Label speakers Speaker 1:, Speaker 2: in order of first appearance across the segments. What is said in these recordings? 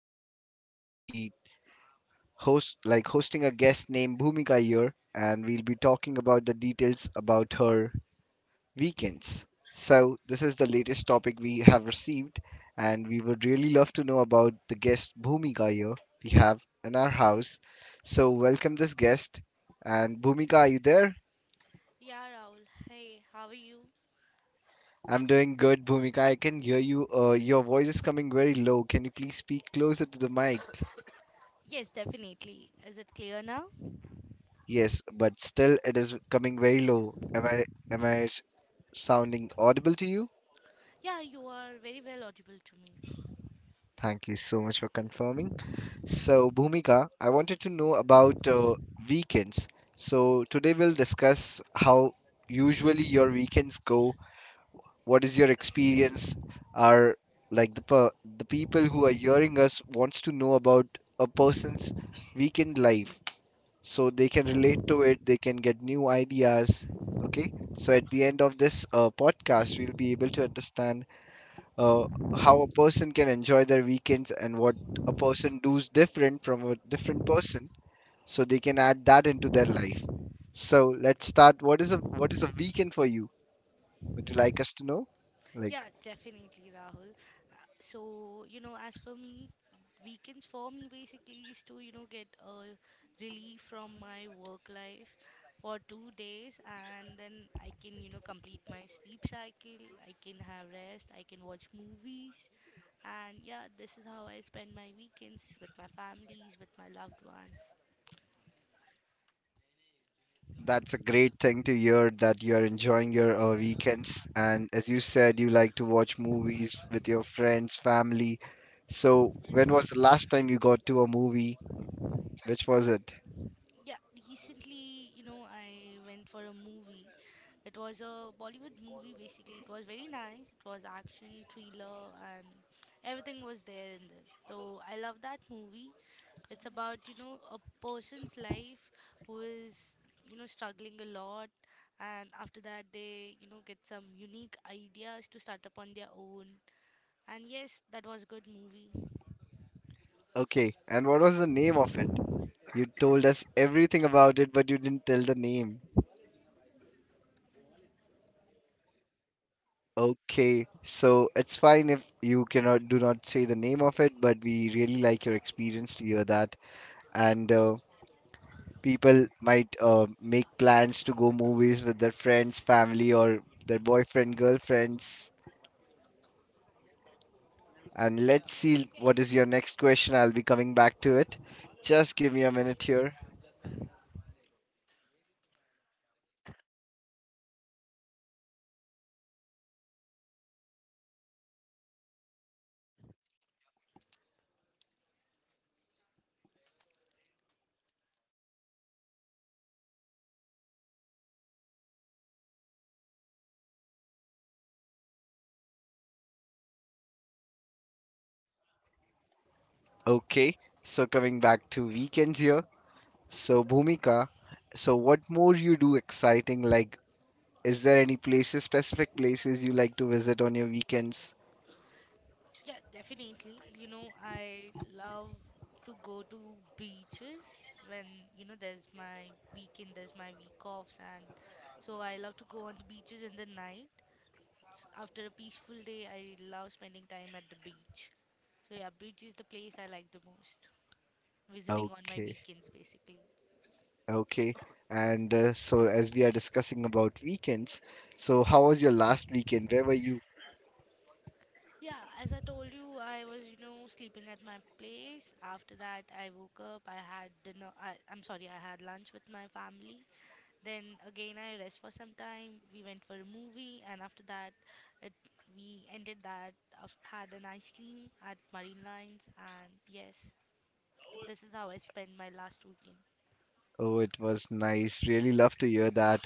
Speaker 1: and I'll be hosting a guest named Bhumika here, and we'll be talking about the details about her weekends. So, this is the latest topic we have received, and we would really love to know about the guest Bhumika here we have in our house. So, welcome this guest, and Bhumika, are you there?
Speaker 2: Yeah, Rahul. Hey, how are you?
Speaker 1: I'm doing good, Bhumika. I can hear you. Your voice is coming very low. Can you please speak closer to the mic?
Speaker 2: Yes, definitely. Is it clear now?
Speaker 1: Yes, but still it is coming very low. Am I s- sounding audible to you?
Speaker 2: Yeah, you are very well audible to me.
Speaker 1: Thank you so much for confirming. So, Bhumika, I wanted to know about weekends. So, today we'll discuss how usually your weekends go. What is your experience? Are like the per The people who are hearing us wants to know about a person's weekend life, so they can relate to it, they can get new ideas. Okay, so at the end of this podcast we'll be able to understand uh, how a person can enjoy their weekends and what a person does different from a different person, so they can add that into their life. So let's start. What is a weekend for you? Would you like us to know, like?
Speaker 2: Yeah, definitely, Rahul. So, as per me, weekends for me basically is to, get a relief from my work life for 2 days, and then I can, complete my sleep cycle, I can have rest, I can watch movies. And yeah, this is how I spend my weekends with my families, with my loved ones.
Speaker 1: That's a great thing to hear that you are enjoying your weekends. And as you said, you like to watch movies with your friends, family. So, when was the last time you got to a movie? Which was it?
Speaker 2: Yeah, recently, I went for a movie. It was a Bollywood movie basically. It was very nice. It was action, thriller, and everything was there in this. So I love that movie. It's about, a person's life who is, struggling a lot, and after that they, get some unique ideas to start up on their own. And yes, that was a good movie.
Speaker 1: Okay. And what was the name of it? You told us everything about it, but you didn't tell the name. Okay. So, it's fine if you cannot do not say the name of it, but we really like your experience to hear that. And people might make plans to go movies with their friends, family, or their boyfriend, girlfriends. And let's see what is your next question. I'll be coming back to it. Just give me a minute here. Okay, so coming back to weekends here. So, Bhumika, so what more you do exciting? Like, is there any places, specific places you like to visit on your weekends?
Speaker 2: Yeah, definitely. I love to go to beaches when, there's my weekend, there's my week offs, and so I love to go on the beaches in the night. After a peaceful day, I love spending time at the beach. So, yeah, beach is the place I like the most, visiting on my
Speaker 1: Okay.
Speaker 2: weekends basically.
Speaker 1: Okay. And so, as we are discussing about weekends, so how was your last weekend? Where were you?
Speaker 2: Yeah, as I told you, I was, sleeping at my place. After that, I woke up, I had dinner, I'm sorry, I had lunch with my family. Then again, I rest for some time. We went for a movie, and after that, it, we ended that had an ice cream at Marine Lines, and yes, this is how I spent my last weekend.
Speaker 1: Oh, it was nice. Really love to hear that.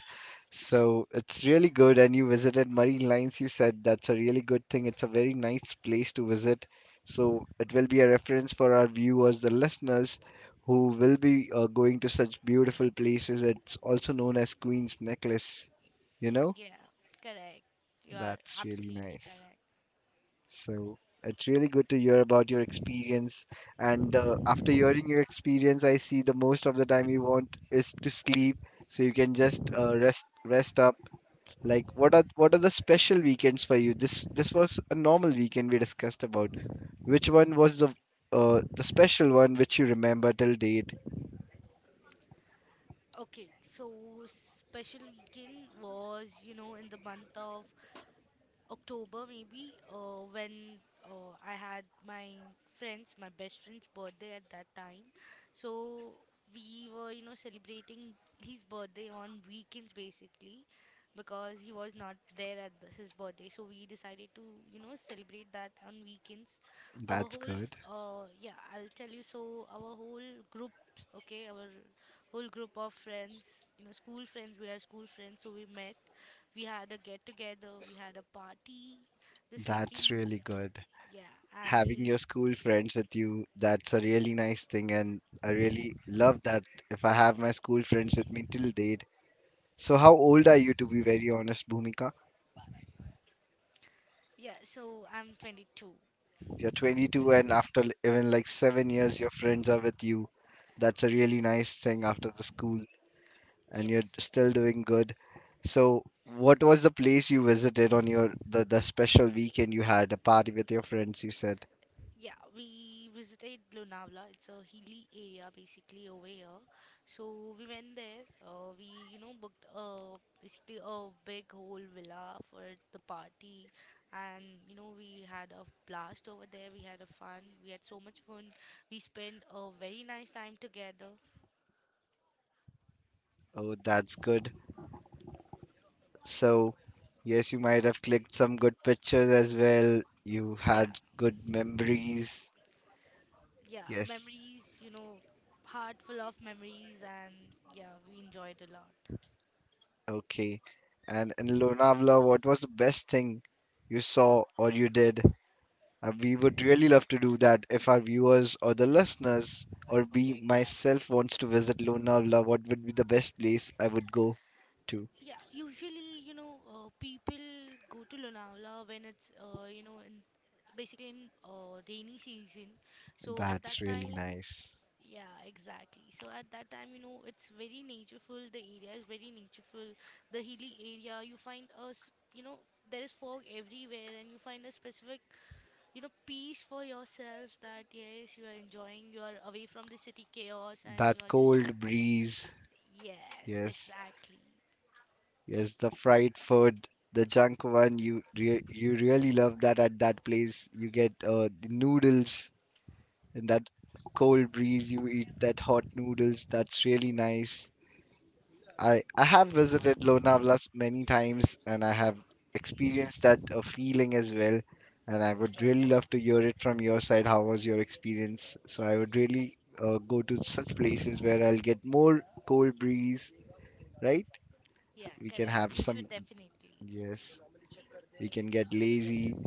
Speaker 1: So, it's really good. And you visited Marine Lines, you said that's a really good thing. It's a very nice place to visit. So, it will be a reference for our viewers, the listeners who will be going to such beautiful places. It's also known as Queen's Necklace, you know.
Speaker 2: Yeah, correct. You are
Speaker 1: That's really
Speaker 2: absolutely
Speaker 1: nice.
Speaker 2: correct.
Speaker 1: So it's really good to hear about your experience. And after hearing your experience, I see the most of the time you want is to sleep, so you can just rest up. Like, what are the special weekends for you? This was a normal weekend we discussed about. Which one was the special one which you remember till date?
Speaker 2: Okay, so special weekend was, in the month of October maybe, when I had my friends, my best friend's birthday at that time. So we were, celebrating his birthday on weekends basically, because he was not there at his birthday. So we decided to, celebrate that on weekends.
Speaker 1: That's good.
Speaker 2: Yeah, I'll tell you. So group, okay, our whole group of friends, school friends, we are school friends, so we met we had a get together, we had a party this
Speaker 1: That's
Speaker 2: weekend.
Speaker 1: really good.
Speaker 2: Yeah,
Speaker 1: Having your school friends with you, that's a really nice thing, and I really love that if I have my school friends with me till date. So, how old are you, to be very honest, Bhumika?
Speaker 2: so I'm 22.
Speaker 1: You're 22, and even like 7 years, your friends are with you. That's a
Speaker 2: Yes.
Speaker 1: really nice thing after the school, and you're
Speaker 2: Yes.
Speaker 1: still doing good. So, what was the place you visited on your the special weekend you had a party with your friends? You said,
Speaker 2: Yeah, we visited Lonavala. It's a hilly area basically over here. So we went there. We booked, basically, a big whole villa for the party. And, we had a blast over there. We had a fun. We had so much fun. We spent a very nice time together.
Speaker 1: "Oh, that's good." So, yes, you might have clicked some good pictures as well. You
Speaker 2: Yeah,
Speaker 1: had good memories.
Speaker 2: yeah,
Speaker 1: Yes,
Speaker 2: memories, heart full of memories, and yeah, we enjoyed a lot.
Speaker 1: okay. And in Lonavala, what was the best thing you saw or you did? We would really love to do that if our viewers or the listeners or we myself wants to visit Lonavala, what would be the best place I would go to?
Speaker 2: Yeah, usually, people go to Lonavala when it's, in basically in rainy season. So at
Speaker 1: That's
Speaker 2: that
Speaker 1: really
Speaker 2: time,
Speaker 1: nice.
Speaker 2: yeah, exactly. So at that time, it's very natureful. The area is very natureful. The hilly area, you find a, there is fog everywhere, and you find a specific, peace for yourself, that yes, you are enjoying, you are away from the city chaos, and you
Speaker 1: That
Speaker 2: are just.
Speaker 1: cold breeze.
Speaker 2: Yes,
Speaker 1: Yes.
Speaker 2: exactly.
Speaker 1: Yes, the fried food, the junk one. You really love that at that place. You get the noodles in that cold breeze. You eat that hot noodles. That's really nice. I have visited Lonavala many times, and I have experienced that feeling as well. And I would really love to hear it from your side. How was your experience? So I would really go to such places where I'll get more cold breeze. Right?
Speaker 2: Yeah,
Speaker 1: We can
Speaker 2: correct,
Speaker 1: have
Speaker 2: you
Speaker 1: some.
Speaker 2: should definitely.
Speaker 1: Yes. We can get lazy.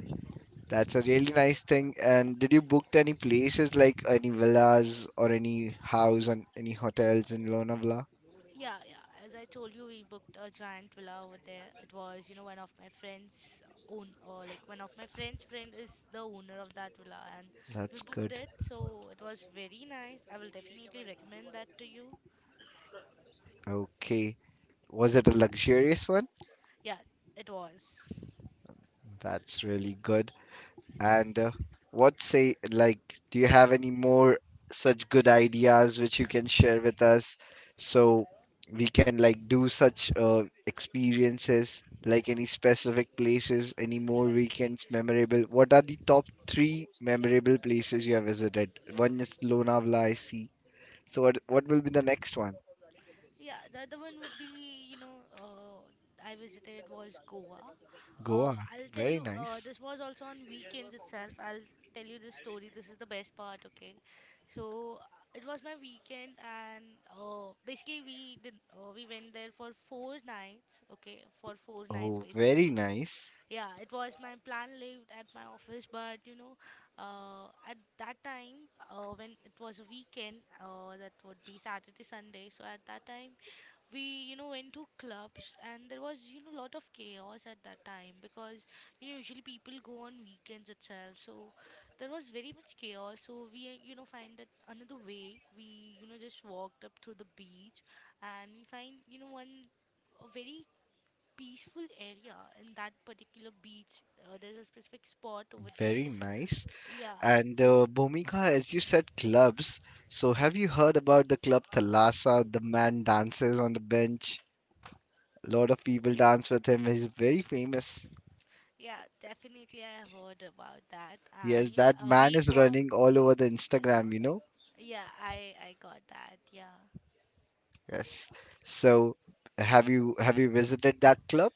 Speaker 1: That's a really nice thing. And did you booked any places like any villas or any house and any hotels in Lonavala?
Speaker 2: Yeah, yeah, as I told you, we booked a giant villa over there. It was, one of my friends own, or like, one of my friends friend is the owner of that villa, and we
Speaker 1: That's
Speaker 2: booked
Speaker 1: good.
Speaker 2: it, so it was very nice. I will definitely recommend that to you.
Speaker 1: Okay. Was it a luxurious one?
Speaker 2: Yeah, it was.
Speaker 1: That's really good. And what say, like, do you have any more such good ideas which you can share with us so we can like do such experiences, like any specific places, any more weekends memorable? What are the top three memorable places you have visited? One is Lonavala, I see. So what will be the next one?
Speaker 2: Yeah, the other one would be, I visited was Goa.
Speaker 1: Goa.
Speaker 2: I'll tell
Speaker 1: Very
Speaker 2: you,
Speaker 1: nice.
Speaker 2: this was also on weekends itself. I'll tell you this story. This is the best part, okay? So, it was my weekend, and basically we went there for 4 nights, okay? For 4 nights,
Speaker 1: Oh, very
Speaker 2: basically.
Speaker 1: nice.
Speaker 2: Yeah, it was my plan lived at my office, but at that time, when it was a weekend, that would be Saturday, Sunday. So at that time, we went to clubs, and there was, lot of chaos at that time, because usually people go on weekends itself. So there was very much chaos. So we, find that another way. We, just walked up to the beach, and we find, one a very peaceful area in that particular beach. There's a specific spot over there.
Speaker 1: Very nice.
Speaker 2: Yeah.
Speaker 1: And Bhumika, as you said, clubs. So, have you heard about the club Thalassa? The man dances on the bench. A lot of people dance with him. He's very famous.
Speaker 2: Yeah, definitely, I heard about that. And
Speaker 1: Yes, that man
Speaker 2: we
Speaker 1: is
Speaker 2: were.
Speaker 1: running all over the Instagram, you know?
Speaker 2: Yeah, I got that. Yeah.
Speaker 1: Yes. So, have you visited that club?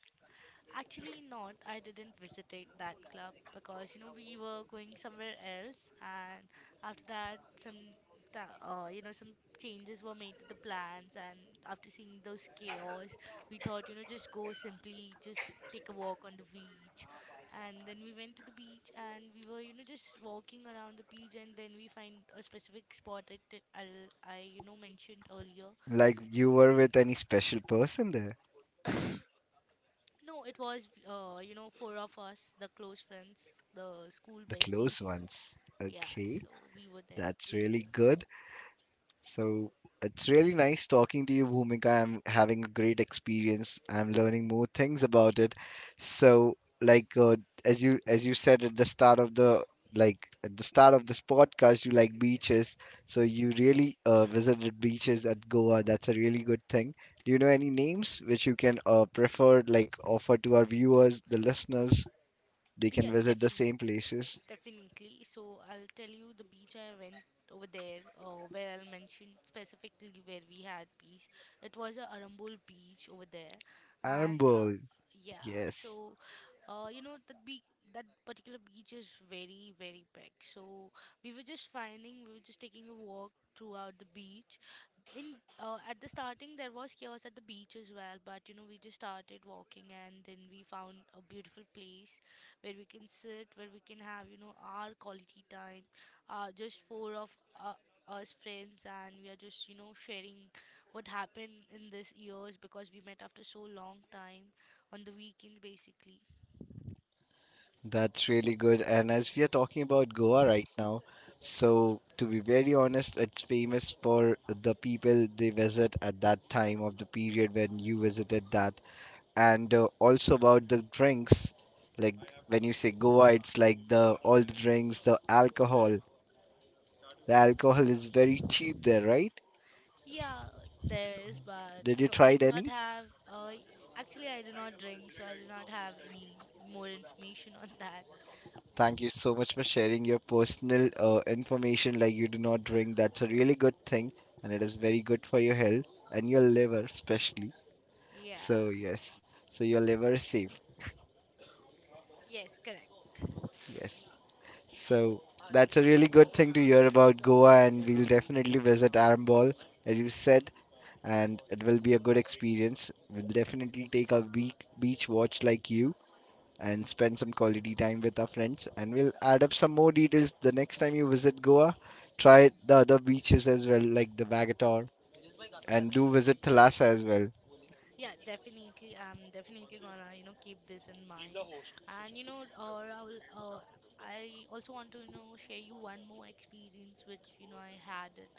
Speaker 2: Actually, not. I didn't visitate that club, because we were going somewhere else, and after that, some ta- you know some changes were made to the plans. And after seeing those chaos, we thought, just go simply, just take a walk on the beach. And then we went to the beach, and we were, just walking around the beach. And then we find a specific spot that I mentioned earlier.
Speaker 1: Like you were with any special person there?
Speaker 2: No, it was, four of us, the close friends, the school
Speaker 1: The close
Speaker 2: besties.
Speaker 1: ones.
Speaker 2: Yeah,
Speaker 1: Okay.
Speaker 2: so we were there.
Speaker 1: That's
Speaker 2: We.
Speaker 1: really good. So it's really nice talking to you, Bhumika. I'm having a great experience. I'm learning more things about it. So, like as you said at the start of the at the start of this podcast, you like beaches. So you really visited beaches at Goa. That's a really good thing. Do you know any names which you can prefer like offer to our viewers, the listeners? They can
Speaker 2: Yeah,
Speaker 1: visit the
Speaker 2: definitely.
Speaker 1: same places.
Speaker 2: Definitely. So I'll tell you the beach I went over there, where I'll mention specifically where we had peace. It was a Arambol beach over there, and
Speaker 1: Arambol,
Speaker 2: yeah.
Speaker 1: yes.
Speaker 2: So, you know that particular beach is very very big. So we were just taking a walk throughout the beach. In at the starting there was chaos at the beach as well, but we just started walking, and then we found a beautiful place where we can sit, where we can have, our quality time, just four of uh, us friends, and we are just, sharing what happened in this years, because we met after so long time on the weekends, basically.
Speaker 1: That's really good. And as we are talking about Goa right now, so to be very honest, it's famous for the people they visit at that time of the period when you visited that. And also about the drinks, like when you say Goa, it's like the all the drinks, the alcohol. The alcohol is very cheap there, right?
Speaker 2: Yeah, there is, but
Speaker 1: Did you try
Speaker 2: I
Speaker 1: it
Speaker 2: do not
Speaker 1: any?
Speaker 2: have. Uh, actually, I do not drink, so I do not have any more information on that.
Speaker 1: Thank you so much for sharing your personal information. Like you do not drink, that's a really good thing, and it is very good for your health and your liver, especially. So
Speaker 2: Yeah.
Speaker 1: yes, so your liver is safe.
Speaker 2: Yes, correct.
Speaker 1: Yes, so that's a really good thing to hear about Goa, and we'll definitely visit Arambol, as you said, and it will be a good experience. We'll definitely take a beach watch like you, and spend some quality time with our friends. And we'll add up some more details the next time you visit Goa. Try the other beaches as well, like the Vagator, and do visit Thalassa as well.
Speaker 2: Yeah, definitely. I'm definitely gonna, keep this in mind. And Rahul, I also want to, share you one more experience which, I had it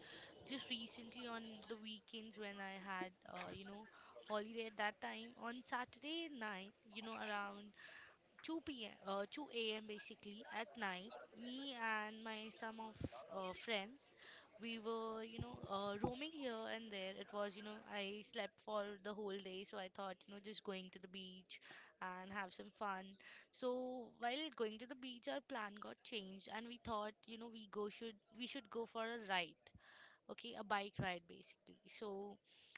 Speaker 2: just recently on the weekends, when I had, holiday at that time on Saturday night, around 2 p.m. 2 a.m. basically at night. Me and my some of friends, we were, roaming here and there. It was, I slept for the whole day, so I thought, just going to the beach and have some fun. So while going to the beach, our plan got changed, and we thought, we go should we should go for a ride. Okay, a bike ride basically. So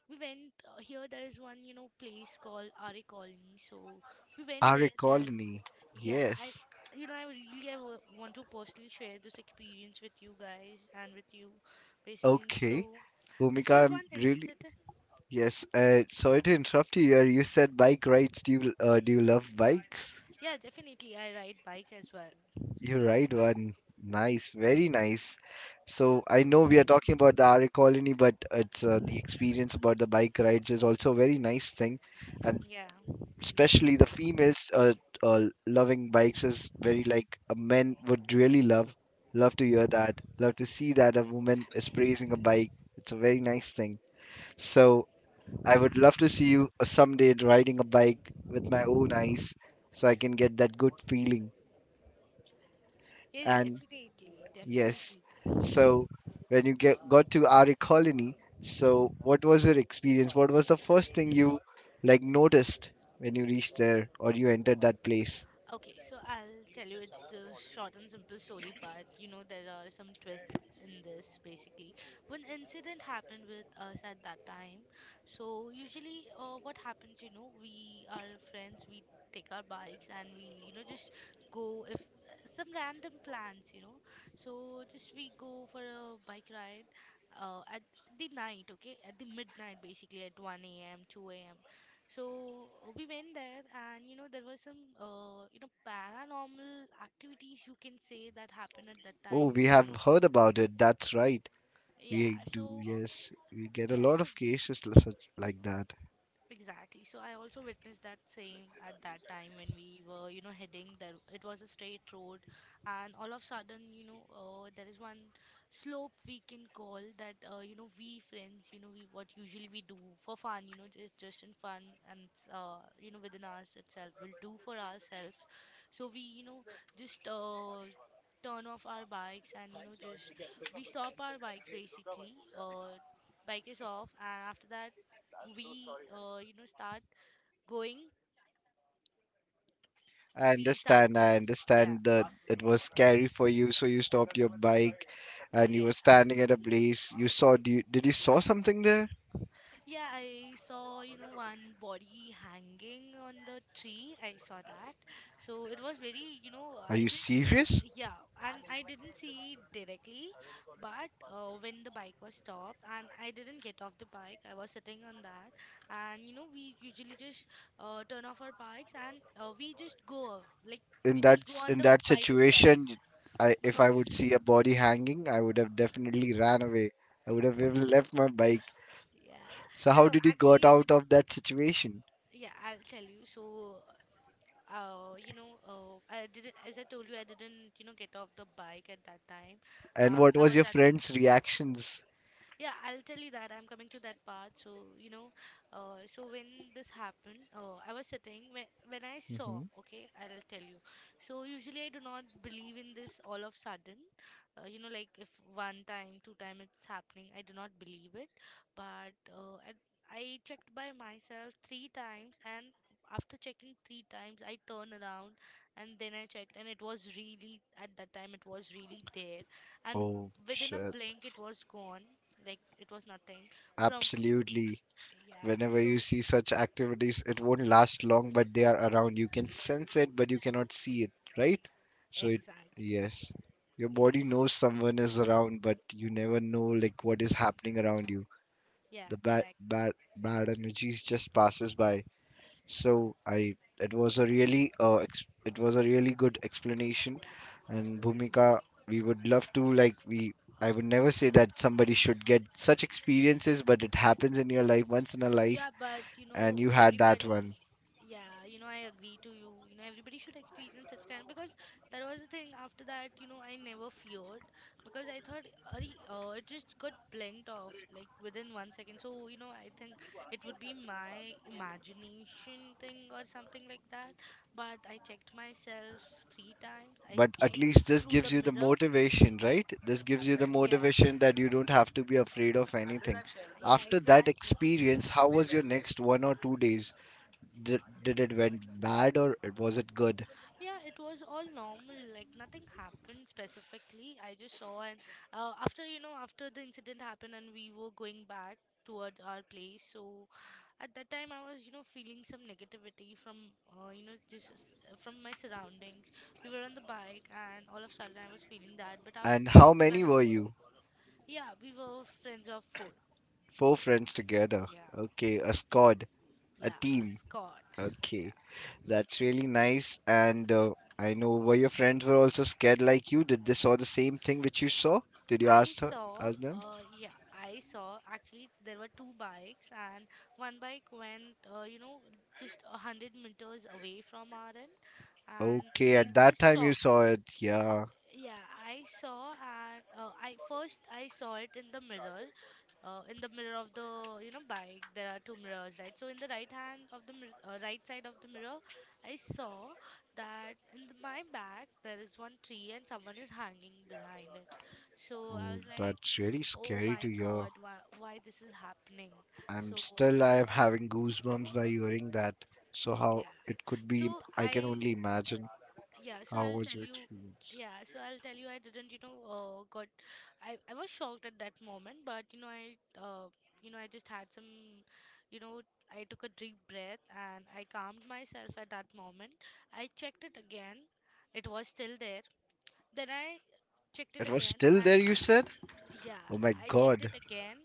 Speaker 2: we went, here. There is one, place called Ari Colony. So we went
Speaker 1: Our
Speaker 2: there, and
Speaker 1: colony,
Speaker 2: yeah,
Speaker 1: yes.
Speaker 2: I really want to personally share this experience with you guys and with you, basically.
Speaker 1: Okay,
Speaker 2: So, this
Speaker 1: Bhumika,
Speaker 2: was
Speaker 1: I'm
Speaker 2: one
Speaker 1: really
Speaker 2: incident.
Speaker 1: yes. Sorry to interrupt you here. You said bike rides. Do you love bikes?
Speaker 2: Yeah, definitely, I ride bike as well.
Speaker 1: You're right, one. Nice, very nice. So I know we are talking about the RA Colony, but it's the experience about the bike rides is also a very nice thing, and
Speaker 2: Yeah.
Speaker 1: especially the females loving bikes is very like a men would really love. Love to hear that. Love to see that a woman is praising a bike. It's a very nice thing. So I would love to see you someday riding a bike with my own eyes, so I can get that good feeling.
Speaker 2: Yes,
Speaker 1: And
Speaker 2: definitely,
Speaker 1: yes.
Speaker 2: definitely.
Speaker 1: So when you got to RE Colony, so what was your experience? What was the first thing you like noticed when you reached there or you entered that place?
Speaker 2: Okay, so I'll tell you, it's the short and simple story, but there are some twists in this basically. One incident happened with us at that time. So, usually, what happens, we are friends, we take our bikes, and we, just go if some random plans. So, just we go for a bike ride, at the night, okay, at the midnight basically at 1 a.m., 2 a.m. So, we went there, and there was some, paranormal activities, you can say, that happened at that
Speaker 1: Oh,
Speaker 2: time
Speaker 1: we
Speaker 2: with
Speaker 1: have
Speaker 2: me.
Speaker 1: heard about it. That's right.
Speaker 2: Yeah.
Speaker 1: We do,
Speaker 2: So,
Speaker 1: yes. We get a
Speaker 2: yeah.
Speaker 1: lot
Speaker 2: So,
Speaker 1: of cases such like that.
Speaker 2: exactly. So I also witnessed that same at that time when we were, heading there. It was a straight road, and all of a sudden, there is one slope we can call that, we friends, we what usually we do for fun, just in fun, and within us itself, we'll do for ourselves. So we, just, turn off our bikes, and just we stop our bikes basically. Bike is off, and after that we uh you know start going
Speaker 1: I
Speaker 2: we start
Speaker 1: understand. I
Speaker 2: going. Yeah.
Speaker 1: understand that it was scary for you, so you stopped your bike and you were
Speaker 2: Yeah.
Speaker 1: standing at a place. You saw, did you saw something there?
Speaker 2: Yeah, I saw, one body hanging on the tree. I saw that. So it was very, you know
Speaker 1: Are
Speaker 2: I
Speaker 1: you
Speaker 2: just
Speaker 1: serious?
Speaker 2: yeah. And I didn't see it directly, but when the bike was stopped, and I didn't get off the bike, I was sitting on that. And we usually just turn off our bikes, and we just go like, we just go on
Speaker 1: In
Speaker 2: the
Speaker 1: that
Speaker 2: bike itself,
Speaker 1: situation, I if I
Speaker 2: because.
Speaker 1: would see a body hanging, I would have definitely ran away. I would have even left my bike.
Speaker 2: Yeah.
Speaker 1: So
Speaker 2: No,
Speaker 1: how
Speaker 2: no,
Speaker 1: did you got
Speaker 2: actually, with,
Speaker 1: out of that situation?
Speaker 2: yeah, I'll tell you. So, I didn't, as I told you, I didn't, get off the bike at that time.
Speaker 1: And what
Speaker 2: I
Speaker 1: was
Speaker 2: was
Speaker 1: your
Speaker 2: at.
Speaker 1: friend's reactions?
Speaker 2: Yeah, I'll tell you that. I'm coming to that part. So, so when this happened, I was sitting when I saw,
Speaker 1: Hmm.
Speaker 2: okay, I'll tell you. So usually I do not believe in this, all of sudden. Like, if one time, two time it's happening, I do not believe it. But I checked by myself three times, and after checking three times, I turned around. And then I checked, and it was really, at that time, it was really there. And
Speaker 1: Oh
Speaker 2: within a
Speaker 1: shit.
Speaker 2: blink, it was gone, like it was nothing from.
Speaker 1: Absolutely.
Speaker 2: Yeah,
Speaker 1: Whenever
Speaker 2: so,
Speaker 1: you see such activities, it won't last long, but they are around. You can sense it, but you cannot see it, right? So it,
Speaker 2: exactly.
Speaker 1: yes. Your body knows
Speaker 2: Yes.
Speaker 1: someone is around, but you never know like what is happening around you.
Speaker 2: Yeah,
Speaker 1: The
Speaker 2: correct.
Speaker 1: bad bad energies just passes by. So I It was a really it was a really good explanation. And Bhumika, we would love to like we I would never say that somebody should get such experiences, but it happens in your life once in a life,
Speaker 2: Yeah, but,
Speaker 1: and you had that
Speaker 2: everybody,
Speaker 1: one.
Speaker 2: yeah, I agree to you. Everybody should experience such kind, because that was the thing. After that, I never feared, because I thought, Ari, it just got blinked off, like within 1 second. So, I think it would be my imagination thing or something like that. But I checked myself three times. I
Speaker 1: But at
Speaker 2: checked
Speaker 1: least this
Speaker 2: through the
Speaker 1: gives you the
Speaker 2: mirror.
Speaker 1: motivation, right? This gives you the
Speaker 2: Yeah,
Speaker 1: motivation that you don't have to be afraid of anything.
Speaker 2: yeah,
Speaker 1: After that
Speaker 2: exactly.
Speaker 1: experience, how was your next one or two days? Did it went bad or it was it good?
Speaker 2: Yeah, it was all normal. Like, nothing happened specifically. I just saw, and after you know after the incident happened and we were going back towards our place. So at that time I was, feeling some negativity from, just from my surroundings. We were on the bike, and all of a sudden I was feeling that. But after
Speaker 1: And
Speaker 2: the,
Speaker 1: how many were
Speaker 2: once.
Speaker 1: you?
Speaker 2: Yeah, we were friends of four.
Speaker 1: Four friends together.
Speaker 2: Yeah,
Speaker 1: Okay, a squad, a
Speaker 2: yeah, a
Speaker 1: team.
Speaker 2: Scott. Yeah.
Speaker 1: Okay, that's really nice. And I know, were your friends were also scared like you? Did they saw the same thing which you saw? Did you
Speaker 2: I saw,
Speaker 1: ask them?
Speaker 2: yeah, I saw, actually there were two bikes, and one bike went, just 100 meters away from our end, and
Speaker 1: Okay,
Speaker 2: we
Speaker 1: at
Speaker 2: were
Speaker 1: that time you
Speaker 2: stopped.
Speaker 1: saw it. Yeah.
Speaker 2: Yeah, I saw, and I first I saw it in the mirror of the, bike. There are two mirrors, right? So in the right hand of the right side of the mirror, I saw that in the, my back there is one tree and someone is hanging behind it. So I
Speaker 1: Oh,
Speaker 2: was like,
Speaker 1: that's really
Speaker 2: oh
Speaker 1: scary
Speaker 2: my
Speaker 1: to hear.
Speaker 2: God, why this is happening? So
Speaker 1: I am having goosebumps by hearing that. So how
Speaker 2: yeah.
Speaker 1: it could be,
Speaker 2: So
Speaker 1: I can
Speaker 2: I.
Speaker 1: only imagine.
Speaker 2: Yeah, so
Speaker 1: How
Speaker 2: I'll
Speaker 1: was
Speaker 2: tell
Speaker 1: your
Speaker 2: you.
Speaker 1: experience?
Speaker 2: I didn't, got. I was shocked at that moment, but I just had some, you know I took a deep breath and I calmed myself at that moment. I checked it again. It was still there. Then I checked it
Speaker 1: It was
Speaker 2: again,
Speaker 1: still
Speaker 2: and.
Speaker 1: there, you said?
Speaker 2: Yeah,
Speaker 1: Oh my
Speaker 2: I checked
Speaker 1: God.
Speaker 2: it again.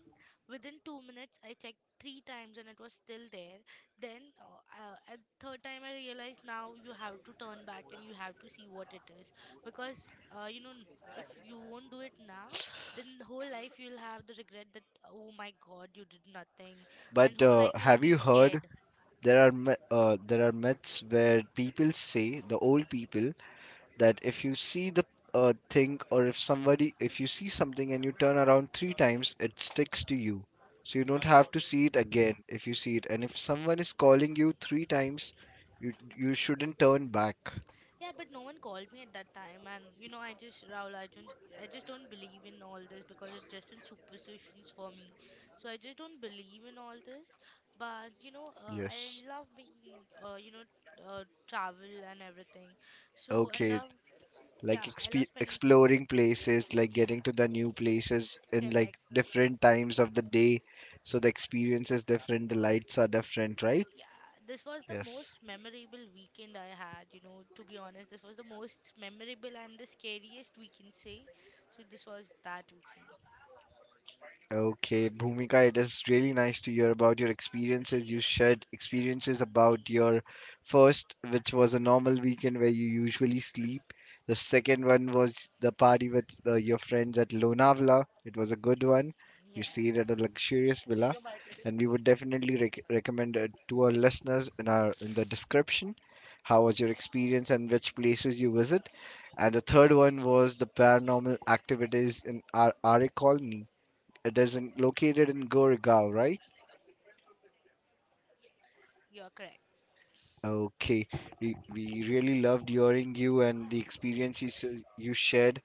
Speaker 2: Within 2 minutes, I checked three times and it was still there. Then, at third time, I realized, now you have to turn back and you have to see what it is, because if you won't do it now, then whole life you'll have the regret that, oh my God, you did nothing, and
Speaker 1: But
Speaker 2: whole life you'll
Speaker 1: have
Speaker 2: be
Speaker 1: you heard
Speaker 2: scared.
Speaker 1: there are there are myths where people say, the old people, that if you see the thing, or if somebody, if you see something and you turn around three times, it sticks to you. So you don't have to see it again if you see it. And if someone is calling you three times, you shouldn't turn back.
Speaker 2: Yeah, but no one called me at that time, and, I just, Rahul, I don't, I just don't believe in all this because it's just in superstitions for me. So I just don't believe in all this. But I
Speaker 1: Yes.
Speaker 2: love being, travel and everything. So I
Speaker 1: Okay,
Speaker 2: love,
Speaker 1: like
Speaker 2: yeah, I love spending. T
Speaker 1: exploring places, like
Speaker 2: Yeah,
Speaker 1: getting to the new places in like
Speaker 2: correct.
Speaker 1: different times of the day, so the experience is different, the lights are different, right?
Speaker 2: Yeah, this was the
Speaker 1: Yes.
Speaker 2: most memorable weekend I had. To be honest, this was the most memorable and the scariest, we can say. So this was that weekend.
Speaker 1: Okay, Bhumika, it is really nice to hear about your experiences. You shared experiences about your first, which was a normal weekend where you usually sleep. The second one was the party with your friends at Lonavala. It was a good one.
Speaker 2: Yeah.
Speaker 1: You stayed at a luxurious villa, and we would definitely recommend it to our listeners in our in the description. How was your experience and which places you visit? And the third one was the paranormal activities in our RA colony, it is in, located in Goregaon, right?
Speaker 2: Yes, you are correct.
Speaker 1: Okay. We really loved hearing you and the experiences you shared.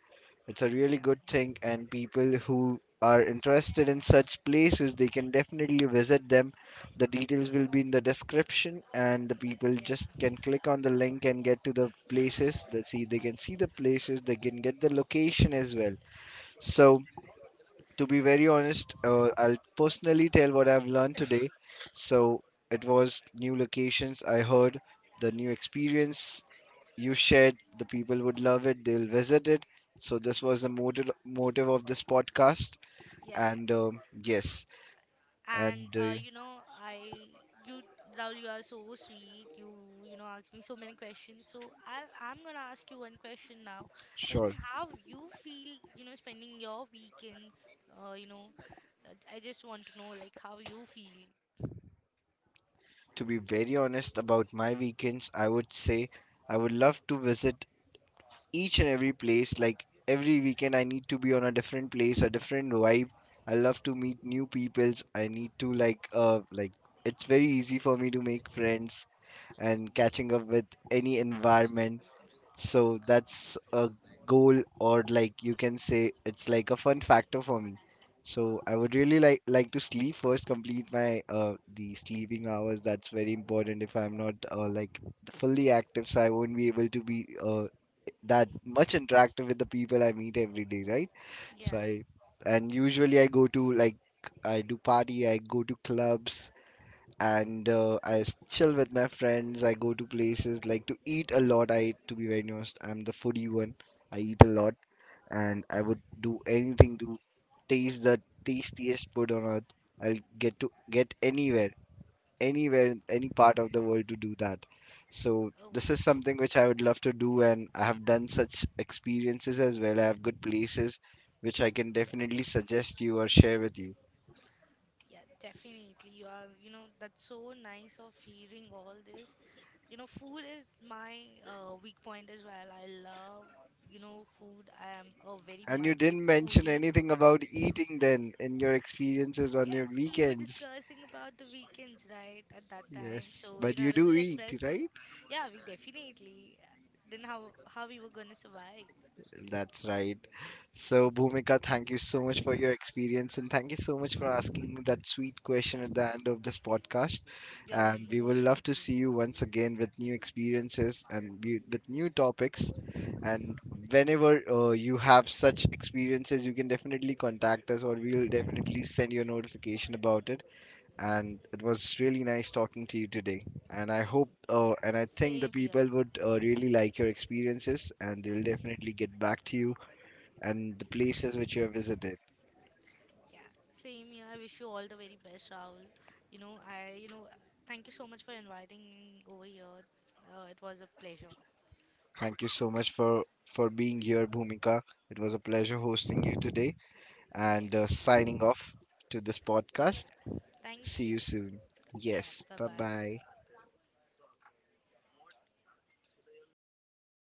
Speaker 1: It's a really
Speaker 2: Yeah,
Speaker 1: good thing, and people who are interested in such places, they can definitely visit them. The details will be in the description, and the people just
Speaker 2: yeah,
Speaker 1: can click on the link and get to the places. They can see the places, they can get the location as well. So, to be very honest, I'll personally tell what I've learned today. So it was new locations. I heard the new experience you shared. The people would love it. They'll visit it. So this was the motive of this podcast. And
Speaker 2: yes.
Speaker 1: yes,
Speaker 2: And
Speaker 1: and
Speaker 2: uh, you know, I you Raul, you are so sweet. You know asked me so many questions. So I'm gonna ask you one question now. Tell me
Speaker 1: sure.
Speaker 2: how you feel, spending your weekends. Uh, you know, I just want to know, like, how you feel.
Speaker 1: To be very honest about my weekends, I would say I would love to visit each and every place. Like every weekend, I need to be on a different place, a different vibe. I love to meet new peoples. I need to like it's very easy for me to make friends and catching up with any environment.
Speaker 2: Welcome to the
Speaker 1: So that's
Speaker 2: podcast.
Speaker 1: a goal, or like you can say it's like a fun factor for me. So I would really like to sleep first, complete my the sleeping hours. That's very important. If I'm not fully active, so I won't be able to be that much interactive with the people I meet every day, right? So
Speaker 2: Yeah.
Speaker 1: I And usually I go to like I do party, I go to clubs, and chill with my friends. I go to places like to eat a lot. I To be very honest, I'm the foodie one. I eat a lot, and I would do anything to taste the tastiest food on earth. I'll get to get anywhere, in any part of the world to do that. So
Speaker 2: Oh.
Speaker 1: this is something which I would love to do, and I have done such experiences as well. I have good places which I can definitely suggest you or share with you.
Speaker 2: Yeah, definitely. You are, that's so nice, of hearing all this. Food is my weak point as well. I love, food. I am a very
Speaker 1: And you
Speaker 2: much big
Speaker 1: didn't mention
Speaker 2: foodie.
Speaker 1: anything about eating then in your experiences on
Speaker 2: Yeah,
Speaker 1: your
Speaker 2: so we were
Speaker 1: weekends.
Speaker 2: discussing about the weekends, right, at that time.
Speaker 1: Yes,
Speaker 2: So,
Speaker 1: but you
Speaker 2: I was
Speaker 1: do
Speaker 2: just
Speaker 1: eat,
Speaker 2: expressing.
Speaker 1: right?
Speaker 2: Yeah, we definitely. Then how we were gonna survive?
Speaker 1: That's right. So, Bhumika, thank you so much for your experience, and thank you so much for asking me that sweet question at the end of this podcast.
Speaker 2: You're
Speaker 1: And we would
Speaker 2: most
Speaker 1: love to
Speaker 2: welcome.
Speaker 1: see you once again with new experiences and with new topics. And whenever you have such experiences, you can definitely contact us, or we'll definitely send you a notification about it. And it was really nice talking to you today. And I hope
Speaker 2: Yeah,
Speaker 1: and I think the
Speaker 2: same here.
Speaker 1: people would really like your experiences, and they'll definitely get back to you and the places which you have visited.
Speaker 2: Yeah, same here. I wish you all the very best, Rahul. You know, I, you know, thank you so much for inviting me over here. It was a pleasure.
Speaker 1: Thank you so much for being here, Bhumika. It was a pleasure hosting you today,
Speaker 2: Yeah,
Speaker 1: and signing off to this podcast.
Speaker 2: yeah.
Speaker 1: See
Speaker 2: Thank you.
Speaker 1: you soon.
Speaker 2: Yeah,
Speaker 1: Yes,
Speaker 2: bye
Speaker 1: bye bye.
Speaker 2: bye.